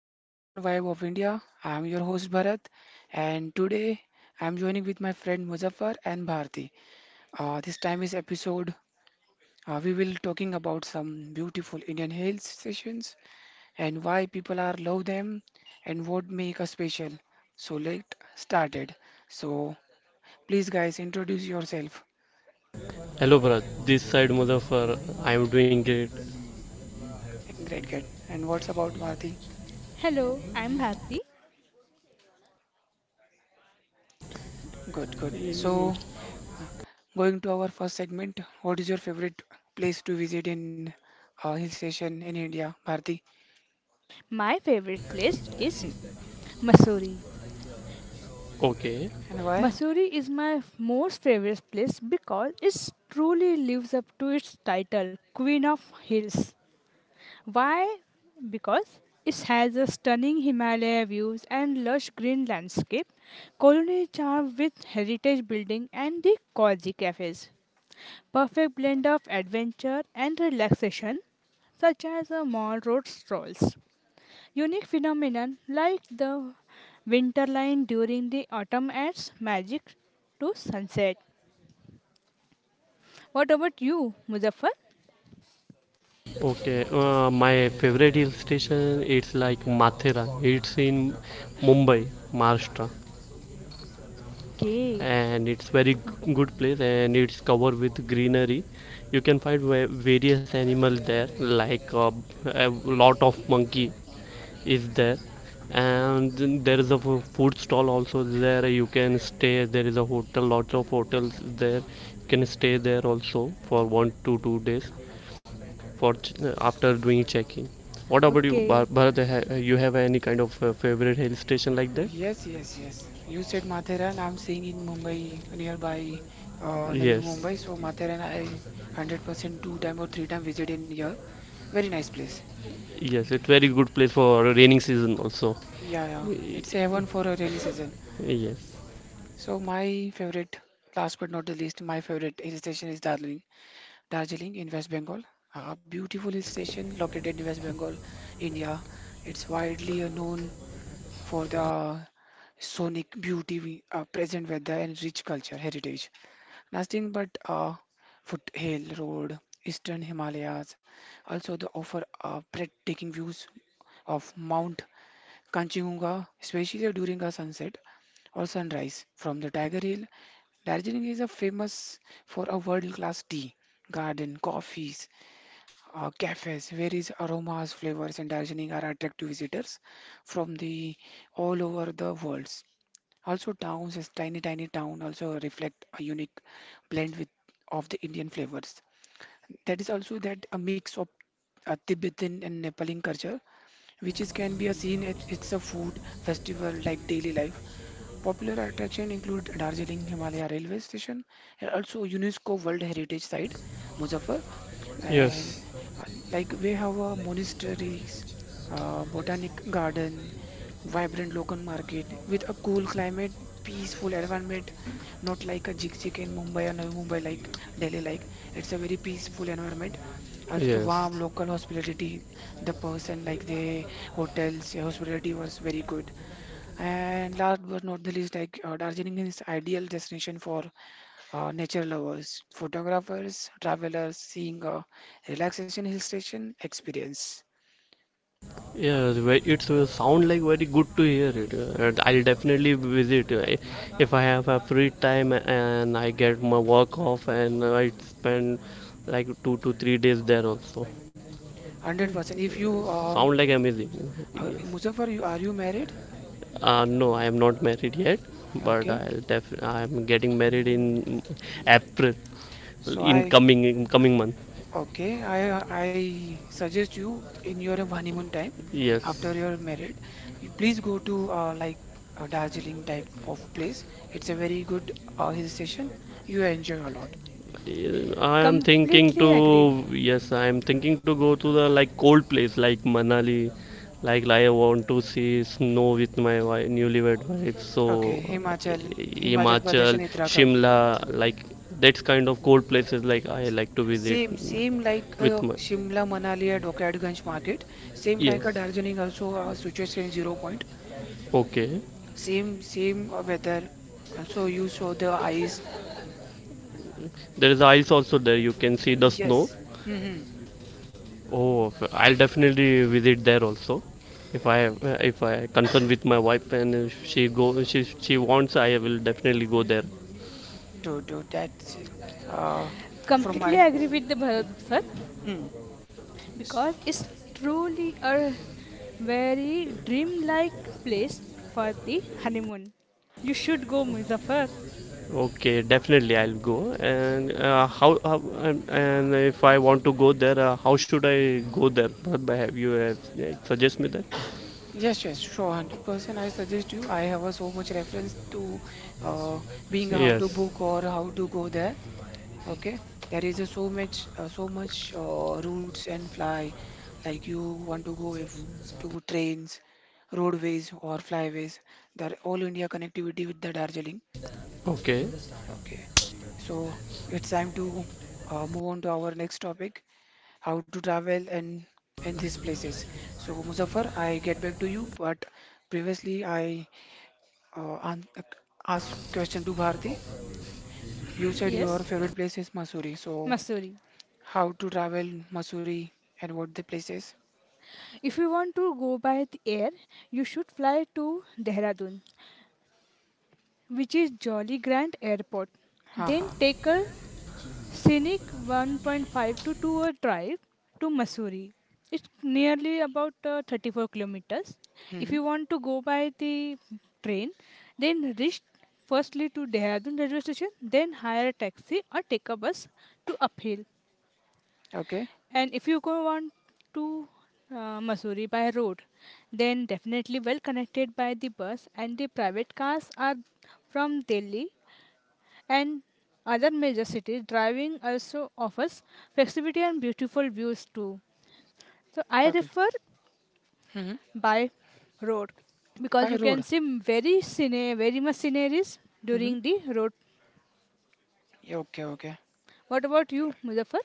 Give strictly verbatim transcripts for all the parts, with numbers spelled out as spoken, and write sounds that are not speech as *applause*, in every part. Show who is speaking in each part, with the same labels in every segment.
Speaker 1: It's a hill station vibe of India. I am your host Bharat, and today I am joining with my friend Muzaffar and Bharti. Uh, this time is episode. Uh, we will talking about some beautiful Indian hill stations and why people are love them and what make us special. So let started. So please guys introduce yourself.
Speaker 2: Hello, Bharat. This side Muzaffar. I am doing great.
Speaker 1: Great, good. And what's about Bharti?
Speaker 3: Hello, I'm Bharti.
Speaker 1: Good, good.
Speaker 2: Mm.
Speaker 1: So going to our first segment, what is your favorite place to visit in uh, hill station in India, Bharti?
Speaker 3: My favorite place is
Speaker 1: Hmm.
Speaker 3: Mussoorie.
Speaker 2: Okay,
Speaker 1: And why?
Speaker 3: Mussoorie is my f- most favorite place because it truly lives up to its title, Queen of Hills. Why? Because it has a stunning Himalaya views and lush green landscape, colonial charm with heritage building and the cozy cafes. Perfect blend of adventure and relaxation, such as a mall road strolls. Unique phenomenon like the winter line during the autumn adds magic to sunset. What about you, Muzaffar?
Speaker 2: okay. Uh, my favorite hill station it's like Mathera. It's in Mumbai, Maharashtra,
Speaker 3: Okay,
Speaker 2: and it's very g- good place, and it's covered with greenery. You can find va- various animals there, like uh, a lot of monkey is there, and there is a food stall also there. You can stay. There is a hotel, lots of hotels there. You can stay there also for one to two days for ch- after doing check-in. What about you, Bhar-
Speaker 3: okay,
Speaker 2: bharat You have any kind of uh, favorite hill station like that?
Speaker 1: Yes, yes, yes. You said Mathera, I'm staying in Mumbai, nearby uh, Navi
Speaker 2: Yes,
Speaker 1: Mumbai. So Mathera, I one hundred percent two time or three time visit in here. Very nice place.
Speaker 2: yes, it's very good place for raining season also.
Speaker 1: Yeah, yeah. It's a heaven for a rainy season.
Speaker 2: Yes,
Speaker 1: So my favorite, last but not the least, my favorite hill station is Darjeeling. Darjeeling in West Bengal, a beautiful hill station located in West Bengal, India. It's widely uh, known for the sonic beauty we- uh, present weather and rich culture heritage. Nothing but uh, foothill road, eastern Himalayas. Also, they offer uh, breathtaking views of Mount Kanchenjunga, especially during a sunset or sunrise from the Tiger Hill. Darjeeling is a famous for a world-class tea garden, coffee, uh, cafes, where is aromas, flavors, and dancing are attractive visitors from the all over the worlds. Also, towns, as tiny, tiny town, also reflect a unique blend with of the Indian flavors. That is also that a mix of a Tibetan and Nepali culture, which is can be a seen at it's a food festival like daily life. Popular attraction include Darjeeling Himalaya Railway Station and also UNESCO World Heritage Site, Muzaffar and
Speaker 2: yes,
Speaker 1: uh, like we have uh, monasteries, uh, botanic garden, vibrant local market with a cool climate, peaceful environment, not like a jig-jig in Mumbai or Navi Mumbai like Delhi like. It's a very peaceful environment. Also
Speaker 2: yes.
Speaker 1: warm local hospitality, the person like the hotels, the hospitality was very good. And last but not the least, like uh, Darjeeling is ideal destination for uh, nature lovers, photographers, travelers seeing a relaxation hill station experience.
Speaker 2: Yes, ve- it's uh, sound like very good to hear it. uh, and I'll definitely visit uh, if I have a free time and I get my work off, and I spend like two to three days there also.
Speaker 1: one hundred percent. If you,
Speaker 2: Sound
Speaker 1: um,
Speaker 2: like amazing.
Speaker 1: uh,
Speaker 2: Yes.
Speaker 1: Muzaffar, you, are you married?
Speaker 2: Uh, no, I am not married yet, but
Speaker 1: Okay.
Speaker 2: I'll def- I'm getting married in April,
Speaker 1: So
Speaker 2: in
Speaker 1: I,
Speaker 2: coming in coming month.
Speaker 1: okay, I, I suggest you in your honeymoon time,
Speaker 2: Yes.
Speaker 1: after you're married, you please go to uh, like a Darjeeling type of place. It's a very good uh, hill station. You enjoy a lot.
Speaker 2: I am thinking
Speaker 3: completely agree.
Speaker 2: to Yes, I am thinking to go to the like cold place like Manali, like I want to see snow with my wife, newlywed wife. So
Speaker 1: Okay,
Speaker 2: uh,
Speaker 1: Himachal, Himachal Pradesh
Speaker 2: Himachal,
Speaker 1: and Uttarakhand.
Speaker 2: Shimla, like that's kind of cold places like I like to visit
Speaker 1: Same, same like
Speaker 2: with
Speaker 1: uh,
Speaker 2: my.
Speaker 1: Shimla, Manali at Hokiaganj market. Same like a
Speaker 2: Yes.
Speaker 1: Darjeeling also a situation is zero point.
Speaker 2: Okay,
Speaker 1: Same, same uh, weather. Also you saw the ice.
Speaker 2: there is ice also there. You can see the snow.
Speaker 1: Yes. Mm-hmm.
Speaker 2: Oh, i I'll definitely visit there also. If I if I concern with my wife, and if she go she she wants, I will definitely go there.
Speaker 1: To, to that's uh from
Speaker 3: Completely
Speaker 1: my
Speaker 3: agree with the Bharat sir
Speaker 1: hmm. S-
Speaker 3: because it's truly a very dreamlike place for the honeymoon. You should go, Muzaffar.
Speaker 2: Okay, definitely I'll go. And uh, how, how and, and if I want to go there, uh, how should I go there? Bharat bhai, have you uh, suggest me that?
Speaker 1: Yes, yes, sure, one hundred percent. I suggest you. I have a so much reference to uh, being how to
Speaker 2: Yes.
Speaker 1: book or how to go there. Okay, there is a so much uh, so much uh, routes and fly like you want to go if to trains, roadways or flyways, there all India connectivity with the Darjeeling.
Speaker 2: Okay.
Speaker 1: Okay, so it's time to uh, move on to our next topic, how to travel and and these places. So Muzaffar I get back to you, but previously I uh, an- asked question to Bharti. You said your
Speaker 3: Yes,
Speaker 1: favorite place is Masuri, so
Speaker 3: Missouri.
Speaker 1: how to travel Missouri and what the places?
Speaker 3: If you want to go by the air, you should fly to Dehradun, which is Jolly Grant Airport. Then
Speaker 1: Haha.
Speaker 3: take a scenic one point five to two hour drive to Missouri. It's nearly about uh, thirty-four kilometers. If
Speaker 1: Mm-hmm.
Speaker 3: you want to go by the train, then reach firstly to Dehradun railway station, then hire a taxi or take a bus to uphill.
Speaker 1: Okay.
Speaker 3: And if you go want to uh, Missouri by road, then definitely well connected by the bus and the private cars are from Delhi and other major cities. Driving also offers flexibility and beautiful views too. So I
Speaker 1: Okay.
Speaker 3: refer
Speaker 1: Mm-hmm.
Speaker 3: by road because
Speaker 1: By
Speaker 3: you can
Speaker 1: road.
Speaker 3: see very scene, very much sceneries
Speaker 1: Mm-hmm.
Speaker 3: during the road.
Speaker 1: Okay. Okay.
Speaker 3: What about you, Muzaffar?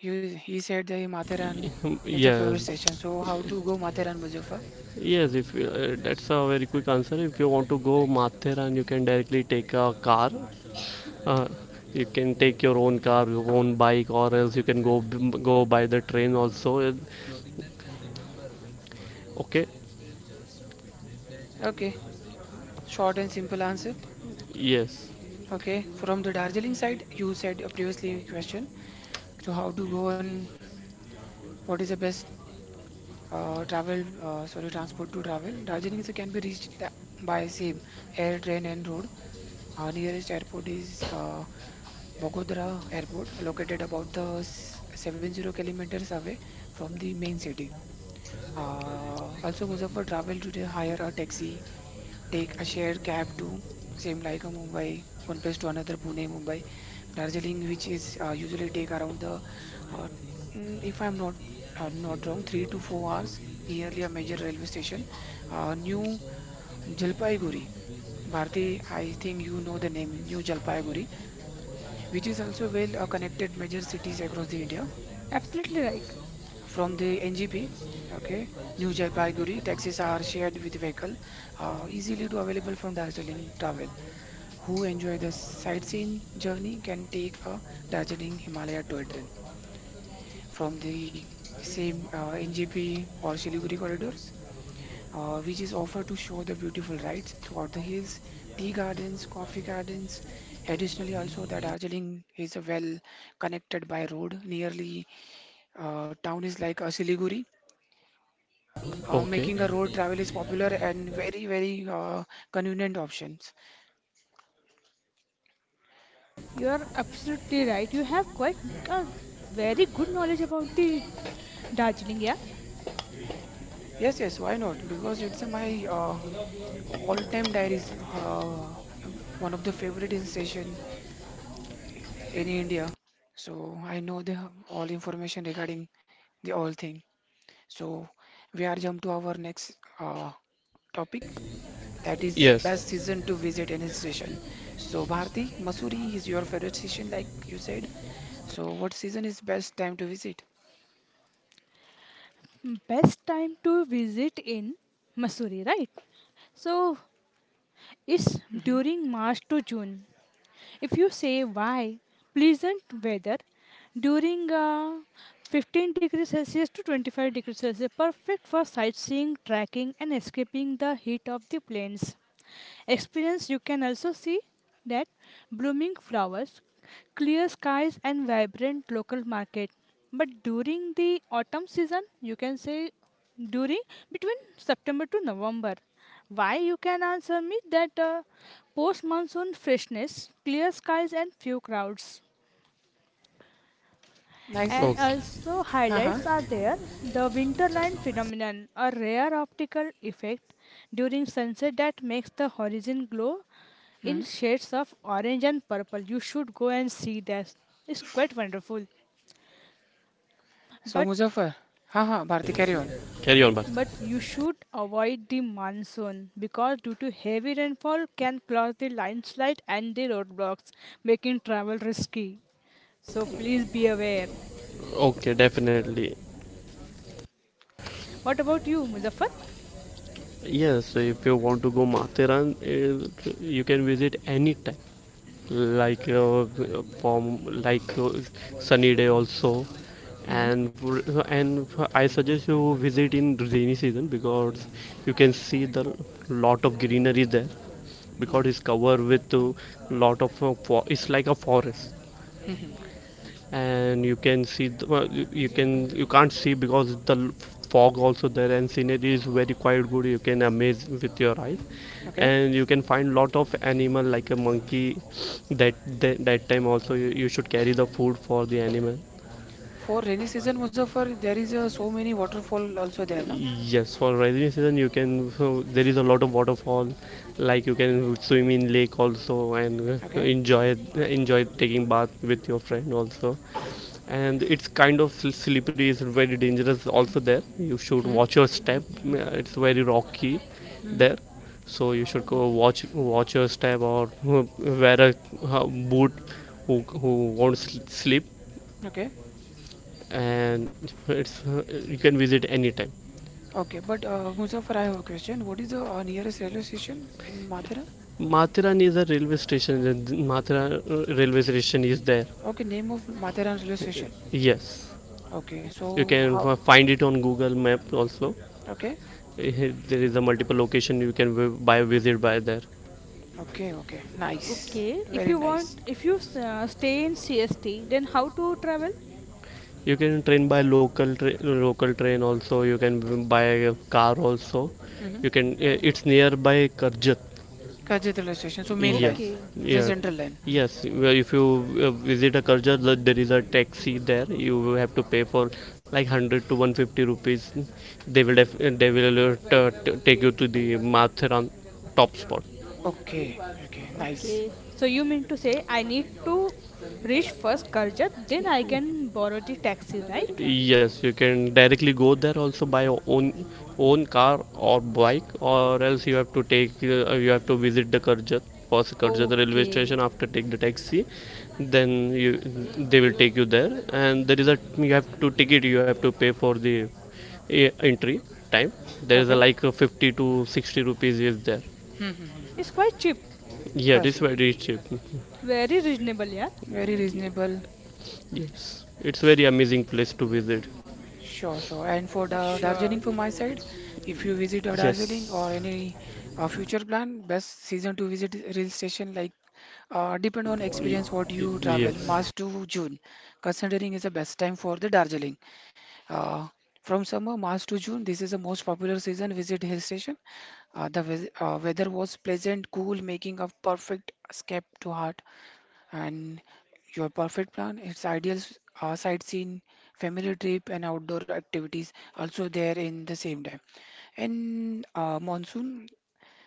Speaker 1: You he said the Matharan
Speaker 2: Hmm,
Speaker 1: is the favorite station.
Speaker 2: yes.
Speaker 1: So how to go Matharan, Muzaffar?
Speaker 2: Yes. If you, uh, that's a very quick answer. If you want to go Matheran, you can directly take a car. Uh, you can take your own car, your own bike, or else you can go go by the train also. Uh, Okay.
Speaker 1: Okay. Short and simple answer.
Speaker 2: Yes.
Speaker 1: Okay. From the Darjeeling side, you said a previously question. So how to go and what is the best uh, travel? Uh, sorry, transport to travel. Darjeeling sir, can be reached tha- by same air, train, and road. Our nearest airport is uh, Bogodara Airport, located about the s- seventy kilometers away from the main city. Uh, also, Muzaffar travel today, hire a taxi, take a shared cab to same like a Mumbai, one place to another, Pune, Mumbai, Darjeeling, which is uh, usually take around the, uh, mm, if I'm not uh, not wrong, three to four hours nearly a major railway station. Uh, New Jalpaiguri, Bharti, I think you know the name, New Jalpaiguri, which is also well uh, connected major cities across the India.
Speaker 3: Absolutely right.
Speaker 1: From the N G P, okay, New Jalpaiguri, taxis are shared with vehicle, uh, easily to available from Darjeeling travel. Who enjoy the sightseeing journey can take a Darjeeling Himalaya toy train from the same uh, N G P or Siliguri corridors, uh, which is offered to show the beautiful rides throughout the hills, tea gardens, coffee gardens. Additionally, also the Darjeeling is well connected by road nearly. Uh, town is like uh, Siliguri, uh,
Speaker 2: Okay.
Speaker 1: making a road travel is popular and very, very uh, convenient options.
Speaker 3: You are absolutely right. You have quite a very good knowledge about the Darjeeling. Yeah,
Speaker 1: Yes, yes, why not? Because it's uh, my uh, all-time diaries, uh, one of the favorite hill station in India. So I know the all information regarding the all thing. So we are jump to our next uh, topic. That is
Speaker 2: Yes.
Speaker 1: best season to visit any station. So Bharti, Mussoorie is your favorite station, like you said. So, what season is best time to visit?
Speaker 3: best time to visit in Missouri, right? So it's
Speaker 1: Hmm.
Speaker 3: during March to June. If you say why, pleasant weather during uh, fifteen degrees Celsius to twenty-five degrees Celsius, perfect for sightseeing, trekking, and escaping the heat of the plains experience. You can also see that blooming flowers, clear skies, and vibrant local market. But during the autumn season, you can say during between September to November. Why? You can answer me that uh, post monsoon freshness, clear skies, and few crowds.
Speaker 1: Nice,
Speaker 3: And
Speaker 1: nice.
Speaker 2: Okay.
Speaker 3: also highlights
Speaker 1: Uh-huh.
Speaker 3: are there. The winterline phenomenon, a rare optical effect during sunset that makes the horizon glow in
Speaker 1: Hmm.
Speaker 3: shades of orange and purple. You should go and see that. It's quite wonderful.
Speaker 1: So,
Speaker 3: But
Speaker 1: Muzaffar. Uh-huh. Bharti, carry on.
Speaker 2: Carry on, but.
Speaker 3: but you should avoid the monsoon because due to heavy rainfall can cause the landslide and the roadblocks, making travel risky. So please be aware.
Speaker 2: Okay, definitely.
Speaker 3: What about you, Muzaffar?
Speaker 2: Yes. So if you want to go Matheran, uh, you can visit any time, like uh, from like uh, sunny day also,
Speaker 1: Hmm.
Speaker 2: and for- and I suggest you visit in rainy season, because you can see the lot of greenery there, because
Speaker 1: Hmm.
Speaker 2: it's covered with a lot of uh, fo- it's like a forest,
Speaker 1: Hmm.
Speaker 2: and you can see the, well, you you can you can't see because the l- fog also there, and scenery is very quite good, you can amaze with your eyes,
Speaker 1: Okay.
Speaker 2: and you can find lot of animal like a monkey that that, that time also, you, you should carry the food for the animal.
Speaker 1: For rainy season, Muzaffar, there is uh, so many waterfall also there, no?
Speaker 2: Yes, for rainy season you can. So there is a lot of waterfall, like you can swim in lake also, and uh,
Speaker 1: Okay.
Speaker 2: enjoy enjoy taking bath with your friend also. And it's kind of sl- slippery. It's very dangerous also there. You should
Speaker 1: Hmm.
Speaker 2: watch your step. uh, It's very rocky
Speaker 1: Hmm.
Speaker 2: there, so you should go watch watch your step, or uh, wear a uh, boot who who won't sl- slip.
Speaker 1: Okay.
Speaker 2: And it's uh, you can visit anytime.
Speaker 1: Okay. But uh, Muzaffar, I have a question. What is the uh, nearest railway station in Mathura?
Speaker 2: Mathura is a railway station. Mathura railway station is there.
Speaker 1: Okay. Name of Mathura railway station.
Speaker 2: Yes,
Speaker 1: Okay.
Speaker 2: you
Speaker 1: So,
Speaker 2: can
Speaker 1: how?
Speaker 2: find it on Google Map also.
Speaker 1: Okay.
Speaker 2: Eh, hey, there is a multiple location you can vi- buy visit by there.
Speaker 1: Okay. Okay. Nice.
Speaker 3: Okay, if
Speaker 1: Very
Speaker 3: you want,
Speaker 1: nice.
Speaker 3: if you s- uh, stay in C S T, then how to travel?
Speaker 2: You can train by local tra- local train also. You can buy a car also. You can. eh, It's nearby Karjat.
Speaker 1: Karjat railway station. So main line.
Speaker 2: Yes,
Speaker 3: Okay,
Speaker 1: It's a
Speaker 2: yeah,
Speaker 1: central line.
Speaker 2: yes. Well, if you uh, visit a Karjar, the- there is a taxi there. You will have to pay for like hundred to one fifty rupees. They will def- they will uh, t- t- take you to the Matharan top spot.
Speaker 1: Okay. Okay. Nice.
Speaker 3: okay. So you mean to say I need to reach first Karjat, then I can borrow the taxi, right?
Speaker 2: Yes, you can directly go there also by your own own car or bike, or else you have to take uh, you have to visit the Karjat, first Karjat railway
Speaker 3: Okay,
Speaker 2: station. After take the taxi, then you they will take you there, and there is a you have to ticket, you have to pay for the uh, entry time. There is a
Speaker 1: Okay.
Speaker 2: like a fifty to sixty rupees is there.
Speaker 1: Hmm. Hmm, hmm.
Speaker 3: it's quite cheap,
Speaker 2: Yeah, it is
Speaker 1: Karjat.
Speaker 2: very cheap. *laughs*
Speaker 3: very reasonable, yeah.
Speaker 1: Very reasonable.
Speaker 2: Yes, it's very amazing place to visit.
Speaker 1: Sure. Sure. And for the
Speaker 3: Sure,
Speaker 1: Darjeeling, for my side, if you visit uh, Darjeeling or
Speaker 2: Yes.
Speaker 1: any uh, future plan, best season to visit rail station like uh, depend on
Speaker 2: Y-
Speaker 1: experience what
Speaker 2: y-
Speaker 1: you travel.
Speaker 2: yes,
Speaker 1: March to June, considering is the best time for the Darjeeling. Uh, from summer, March to June, this is the most popular season visit hill station. Uh, the weath- uh, weather was pleasant, cool, making a perfect escape to heart. And your perfect plan, it's ideal s- uh, sightseeing, family trip, and outdoor activities also there in the same time. And uh, monsoon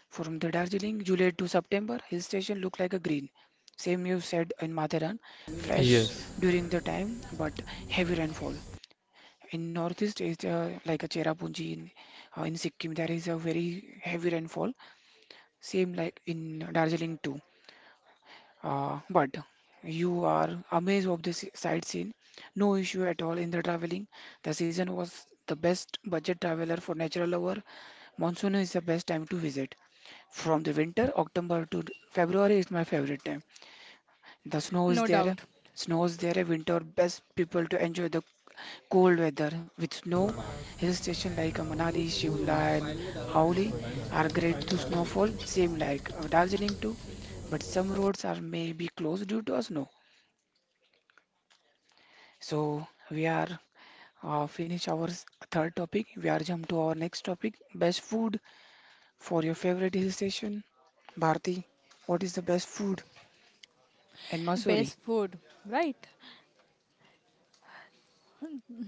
Speaker 1: from the Darjeeling, July to September, hill station look like a green. Same you said in Matheran, fresh
Speaker 2: yes.
Speaker 1: during the time, but heavy rainfall. In Northeast Asia, like a Cherrapunji in, uh, in Sikkim, there is a very heavy rainfall, same like in Darjeeling too. Uh, but you are amazed of this sightseeing. No issue at all in the traveling. The season was the best budget traveler for natural lover. Monsoon is the best time to visit. From the winter, October to February is my favorite time. The snow is
Speaker 3: no
Speaker 1: there.
Speaker 3: doubt.
Speaker 1: Snow is there. Winter best people to enjoy the cold weather. With snow, hill station like uh, Manali, Shimla, and Auli are great to snowfall. Same like uh, Darjeeling too, but some roads are maybe closed due to a snow. So we are uh, finish our s- third topic. We are jump to our next topic. Best food for your favorite hill station, Bharti. What is the best food in Mussoorie?
Speaker 3: Best food, right?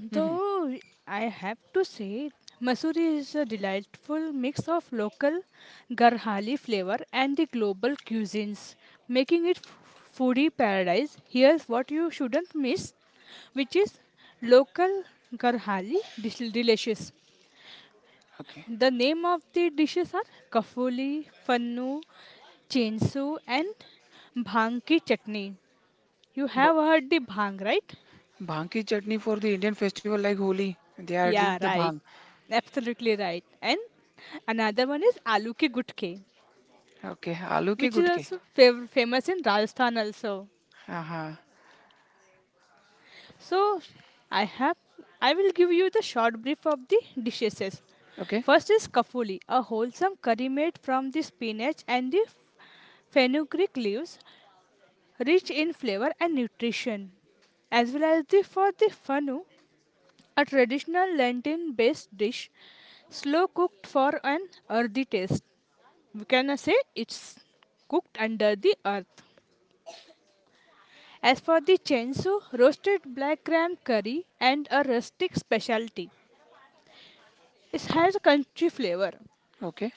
Speaker 1: Hmm.
Speaker 3: Though I have to say, Masuri is a delightful mix of local Garhali flavor and the global cuisines, making it f- foodie paradise. Here's what you shouldn't miss, which is local Garhali dis- delicious.
Speaker 1: Okay.
Speaker 3: The name of the dishes are kafuli, fannu, chensu, and bhang ki chutney. You
Speaker 1: But
Speaker 3: have heard the bhang, right?
Speaker 1: bhang ki chutney for the Indian festival like Holi, they are drink
Speaker 3: Yeah,
Speaker 1: the
Speaker 3: right.
Speaker 1: bhang.
Speaker 3: Absolutely right. And another one is aloo ke gutke,
Speaker 1: Okay. Aloo ke
Speaker 3: which is
Speaker 1: gud ke.
Speaker 3: also fav- famous in Rajasthan also.
Speaker 1: Aha.
Speaker 3: So I have I will give you the short brief of the dishes.
Speaker 1: Okay.
Speaker 3: First is kafuli, a wholesome curry made from the spinach and the fenugreek leaves, rich in flavor and nutrition, as well as the for the fanu, a traditional Lenten based dish, slow cooked for an earthy taste. We can say it's cooked under the earth. As for the chensu, roasted black gram curry and a rustic specialty. It has a country flavor.
Speaker 1: Okay.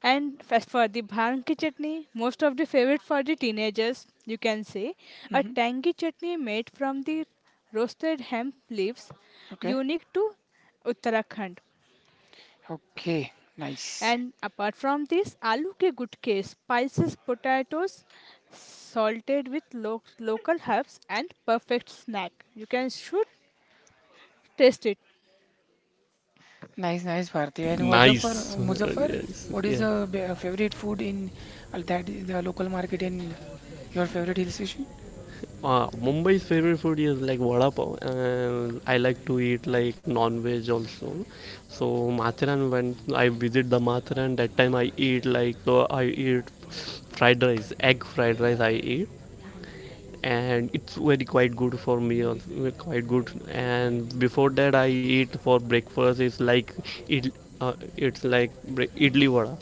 Speaker 3: And as for the bhangi chutney, most of the favorite for the teenagers, you can say a tangy chutney made from the roasted hemp leaves,
Speaker 1: Okay.
Speaker 3: unique to Uttarakhand.
Speaker 1: Okay. Nice.
Speaker 3: And apart from this, aloo ke gutke, spices, potatoes, salted with lo- local herbs and perfect snack. You can should taste it.
Speaker 1: Nice, nice, Bharathi. And what's up for
Speaker 2: Nice. Uh,
Speaker 1: Muzaffar?
Speaker 2: yes.
Speaker 1: What is
Speaker 2: Yes.
Speaker 1: the favorite food in that the local market in your favorite destination?
Speaker 2: Uh, Mumbai's favorite food is like vada pav, and I like to eat like non-veg also. So Matharan, when I visit the Matharan, that time I eat like uh, I eat fried rice, egg fried rice I eat, and it's very quite good for me also, quite good. And before that, I eat for breakfast is like it, uh, it's like bre- idli vada.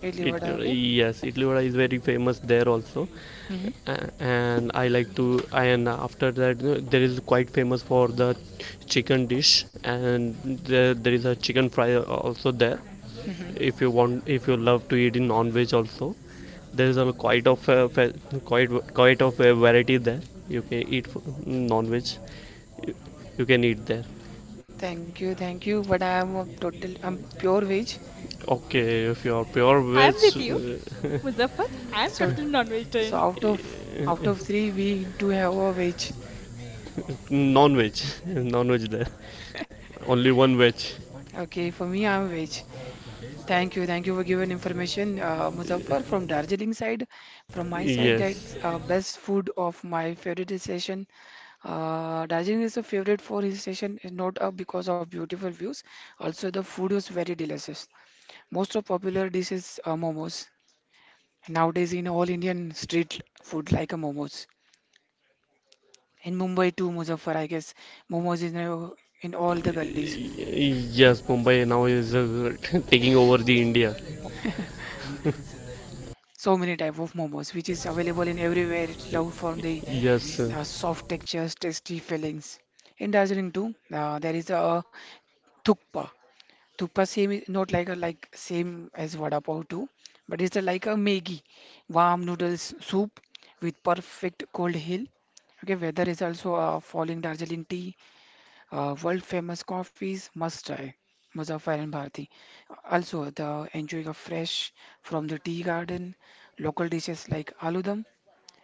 Speaker 1: Delhi,
Speaker 2: It
Speaker 1: vada.
Speaker 2: uh,
Speaker 1: Okay.
Speaker 2: Yes, idli vada is very famous there also.
Speaker 1: Uh huh.
Speaker 2: A- and I like to. And after that, uh, there is quite famous for the chicken dish, and there, there is a chicken fry also there.
Speaker 1: Uh huh.
Speaker 2: If you want, if you love to eat in non-veg also, there is a quite of uh, fa- quite quite of a variety there. You can eat f- non-veg. You, you can eat there.
Speaker 1: Thank you. Thank you. Vada, I'm total. I'm pure veg.
Speaker 2: Okay, if you are pure
Speaker 3: I
Speaker 2: veg,
Speaker 3: am with you,
Speaker 2: uh,
Speaker 3: Muzaffar. I am
Speaker 1: So
Speaker 3: totally
Speaker 1: so
Speaker 3: non-vegetarian.
Speaker 1: out of out of three, we do have a veg.
Speaker 2: non-veg, *laughs* non-veg there. Only one batch.
Speaker 1: Okay, for me, I'm veg. Thank you, thank you for giving information, uh, Muzaffar from Darjeeling side. From my side,
Speaker 2: Yes.
Speaker 1: that's uh, best food of my favorite hill station. Uh, Darjeeling is a favorite for his station, is not uh, because of beautiful views. Also, the food is very delicious. Most of popular dishes are momos. Nowadays, in all Indian street food like a momos. In Mumbai too, Muzaffar, I guess momos is now in all the gullies.
Speaker 2: Yes, Mumbai now is uh, *laughs* taking over the India.
Speaker 1: So many type of momos, which is available in everywhere. It's loved from the
Speaker 2: Yes.
Speaker 1: uh, soft textures, tasty fillings. In Darjeeling too, uh, there is a thukpa. Thukpa same is not like a like same as vada pav too, but it's a, like a Maggi, warm noodles soup with perfect cold hill. Okay, weather is also uh, falling Darjeeling tea, uh, world famous coffees, must try. Muzaffar and Bharati. Also, the enjoying of fresh from the tea garden, local dishes like aloo dum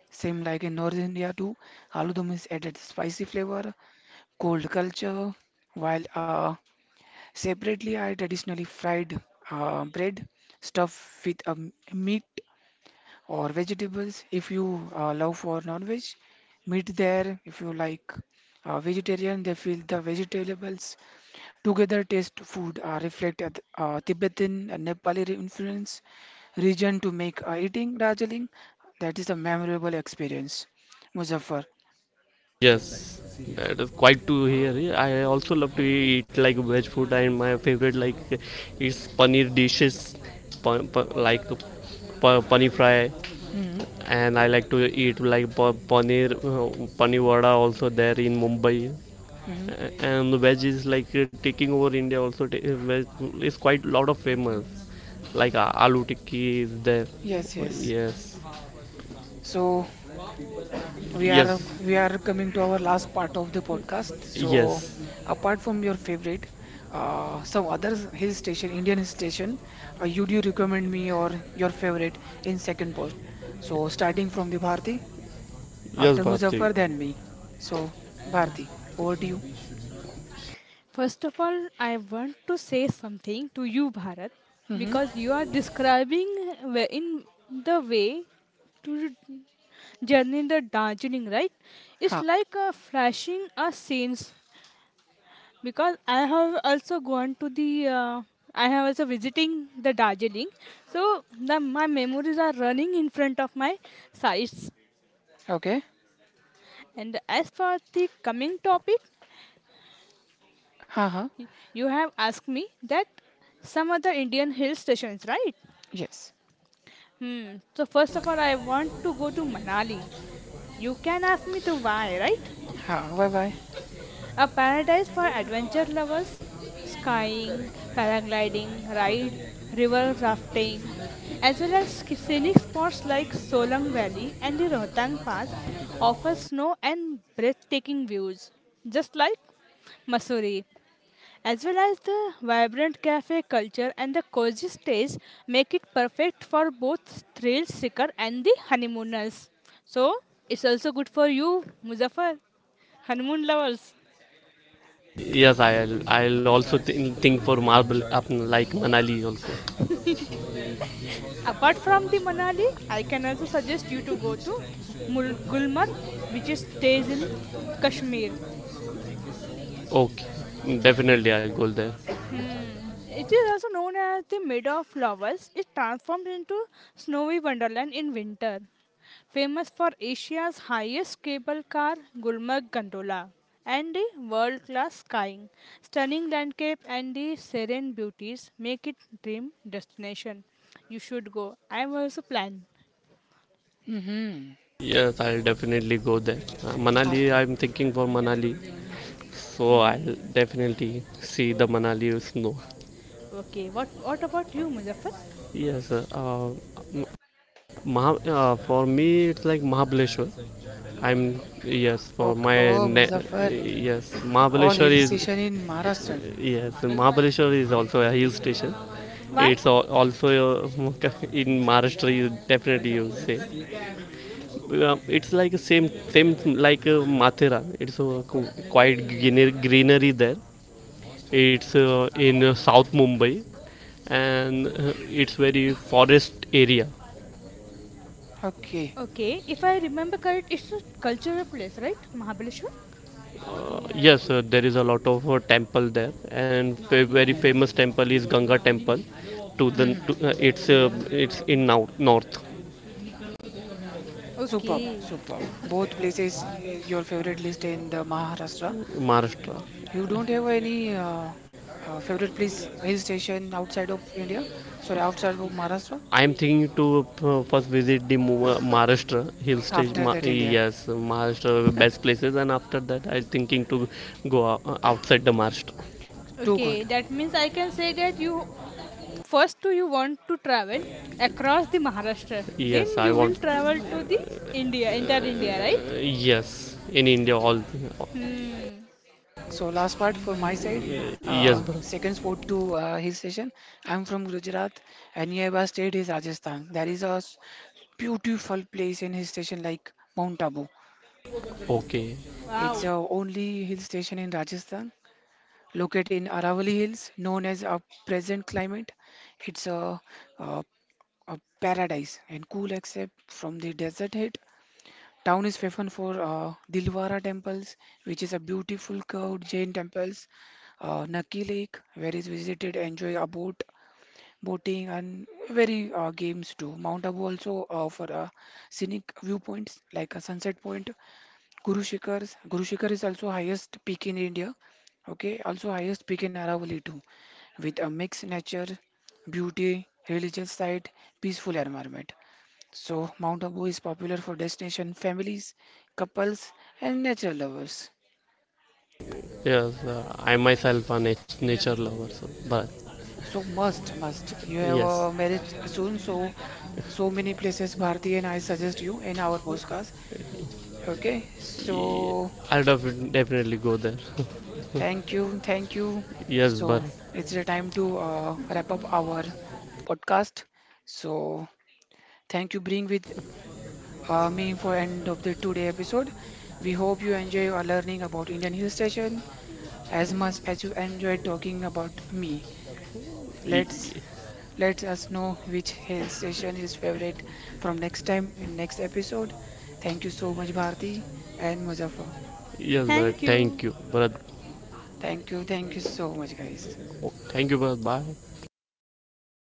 Speaker 1: same like in North India too, aloo dum is added spicy flavor, cold culture, while uh, separately I traditionally fried uh, bread stuffed with um, meat or vegetables. If you uh, love for non-veg, meat there. If you like uh, vegetarian, they feel the vegetables. Together, taste food uh, reflect at, uh, Tibetan and Nepali influence region to make uh, eating Darjeeling. That is a memorable experience, Muzaffar.
Speaker 2: Yes. That is quite to hear. I also love to eat like veg food, and my favorite like is paneer dishes, pa- pa- like pa- paneer fry,
Speaker 1: Hmm.
Speaker 2: and I like to eat like pa- paneer uh, paneer vada also there in Mumbai.
Speaker 1: Hmm.
Speaker 2: A- and veg is like uh, taking over India also. Ta- uh, veg is quite lot of famous, like uh, aloo tikki is there.
Speaker 1: Yes, yes.
Speaker 2: Yes,
Speaker 1: So we are
Speaker 2: yes,
Speaker 1: we are coming to our last part of the podcast. So
Speaker 2: yes,
Speaker 1: apart from your favorite, uh, some other hill station, Indian hill station, uh, you do recommend me or your favorite in second post. So starting from the Bharti.
Speaker 2: yes,
Speaker 1: After
Speaker 2: Bharti.
Speaker 1: Muzaffar, then me. So, Bharti, over to you.
Speaker 3: First of all, I want to say something to you, Bharat,
Speaker 1: Mm-hmm.
Speaker 3: because you are describing wh- in the way to journey in the Darjeeling, right? It's
Speaker 1: Ha.
Speaker 3: like a flashing a scenes because I have also gone to the uh, I have also visiting the Darjeeling, so the, my memories are running in front of my sights.
Speaker 1: Okay.
Speaker 3: And as for the coming topic,
Speaker 1: Ha ha.
Speaker 3: y- you have asked me that some other Indian hill stations, right?
Speaker 1: Yes.
Speaker 3: Hmm. So first of all, I want to go to Manali. You can ask me the why, right?
Speaker 1: Ha. Bye bye.
Speaker 3: A paradise for adventure lovers, skying, paragliding, ride, river rafting, as well as sc- scenic spots like Solang Valley and the Rohtang Pass offer snow and breathtaking views, just like Mussoorie. As well as the vibrant cafe culture and the cozy stays make it perfect for both thrill seeker and the honeymooners. So it's also good for you, Muzaffar, honeymoon lovers.
Speaker 2: Yes, I'll I'll also th- think for marble up like Manali also.
Speaker 3: Apart from the Manali, I can also suggest you to go to Mul- Gulmarg, which is stays in Kashmir.
Speaker 2: Okay, definitely I'll go there.
Speaker 3: Hmm. It is also known as the Meadow of Flowers. It transforms into snowy wonderland in winter. Famous for Asia's highest cable car, Gulmarg Gondola, and the world-class skiing, stunning landscape, and the serene beauties make it dream destination. You should go. I am also planning.
Speaker 1: Mm-hmm.
Speaker 2: Yes, I'll definitely go there. Uh, Manali,
Speaker 1: After.
Speaker 2: I'm thinking for Manali, so I'll definitely see the Manali snow.
Speaker 3: Okay, what what about you, Muzaffar?
Speaker 2: Yes, uh, um, Maha, uh, for me, it's like Mahabaleshwar. I'm, yes, for
Speaker 1: Okay.
Speaker 2: my
Speaker 1: Oh,
Speaker 2: ne-
Speaker 1: Muzaffar.
Speaker 2: yes,
Speaker 1: All
Speaker 2: Mahabaleshwar
Speaker 1: hill
Speaker 2: is,
Speaker 1: station in Maharashtra.
Speaker 2: yes, Mahabaleshwar is also a hill station.
Speaker 3: Why?
Speaker 2: It's al- also a, *laughs* in Maharashtra. You definitely, you say uh, it's like a same same like uh, Mathura. It's a qu- quite greener- greenery there. It's uh, in uh, South Mumbai, and uh, it's very forest area.
Speaker 1: Okay.
Speaker 3: Okay, if I remember correct, it's a cultural place, right? Mahabaleshwar?
Speaker 2: Yes, uh, there is a lot of uh, temple there, and a very famous temple is Ganga temple. To the
Speaker 1: Mm-hmm.
Speaker 2: to, uh, it's uh, it's in now north
Speaker 1: Superb.
Speaker 3: Okay.
Speaker 1: Superb. Both places is your favorite list in the Maharashtra.
Speaker 2: Maharashtra.
Speaker 1: You don't have any uh, uh, favorite place hill station outside of India? Sorry, outside of Maharashtra?
Speaker 2: I am thinking to uh, first visit the Mu- uh, Maharashtra hill stage.
Speaker 1: After
Speaker 2: Ma-
Speaker 1: that, India.
Speaker 2: yes, Maharashtra best places, and after that I am thinking to go ou- outside the Maharashtra.
Speaker 1: Too good.
Speaker 3: Okay, that means I can say that you first do you want to travel across the Maharashtra, then
Speaker 2: Yes, I
Speaker 3: you will
Speaker 2: want.
Speaker 3: travel to the India, entire India, right?
Speaker 2: Uh, yes, in India all. uh,
Speaker 3: Hmm.
Speaker 1: So last part for my side,
Speaker 2: yes, bro.
Speaker 1: uh, second sport to uh, his session. I'm from Gujarat and nearby state is Rajasthan. There is a s- beautiful place in hill station like Mount Abu.
Speaker 2: Okay.
Speaker 1: It's a
Speaker 3: Wow.
Speaker 1: only hill station in Rajasthan, located in Aravalli Hills, known as a present climate. It's a, a, a paradise and cool except from the desert heat. Town is famous for uh, Dilwara temples, which is a beautiful curved Jain temples. Uh, Naki Lake, where is visited, enjoy a boat, boating and very uh, games too. Mount Abu also offer uh, scenic viewpoints like a sunset point. Guru Shikhars, Guru Shikhar is also highest peak in India. Okay, also highest peak in Aravalli too, with a mixed nature, beauty, religious site, peaceful environment. So, Mount Abu is popular for destination families, couples, and nature lovers.
Speaker 2: Yes, uh, I myself a nat- nature lover. So, but
Speaker 1: So, must, must. You have
Speaker 2: yes.
Speaker 1: a marriage soon, so so many places Bharti and I suggest you in our podcast. Okay, so
Speaker 2: I'll definitely go there. *laughs*
Speaker 1: thank you, thank you.
Speaker 2: Yes,
Speaker 1: So
Speaker 2: Bharat.
Speaker 1: it's the time to uh, wrap up our podcast. So thank you, being with uh, me for end of the today episode. We hope you enjoy our learning about Indian hill station. As much as you enjoy talking about me, let's let us know which hill station is favorite from next time in next episode. Thank you so much, Bharti and Muzaffar.
Speaker 2: Yes, Bharat.
Speaker 3: Thank you.
Speaker 2: Thank you, Bharat.
Speaker 1: Thank you, thank you so much, guys.
Speaker 2: Thank you, Bharat. Bye.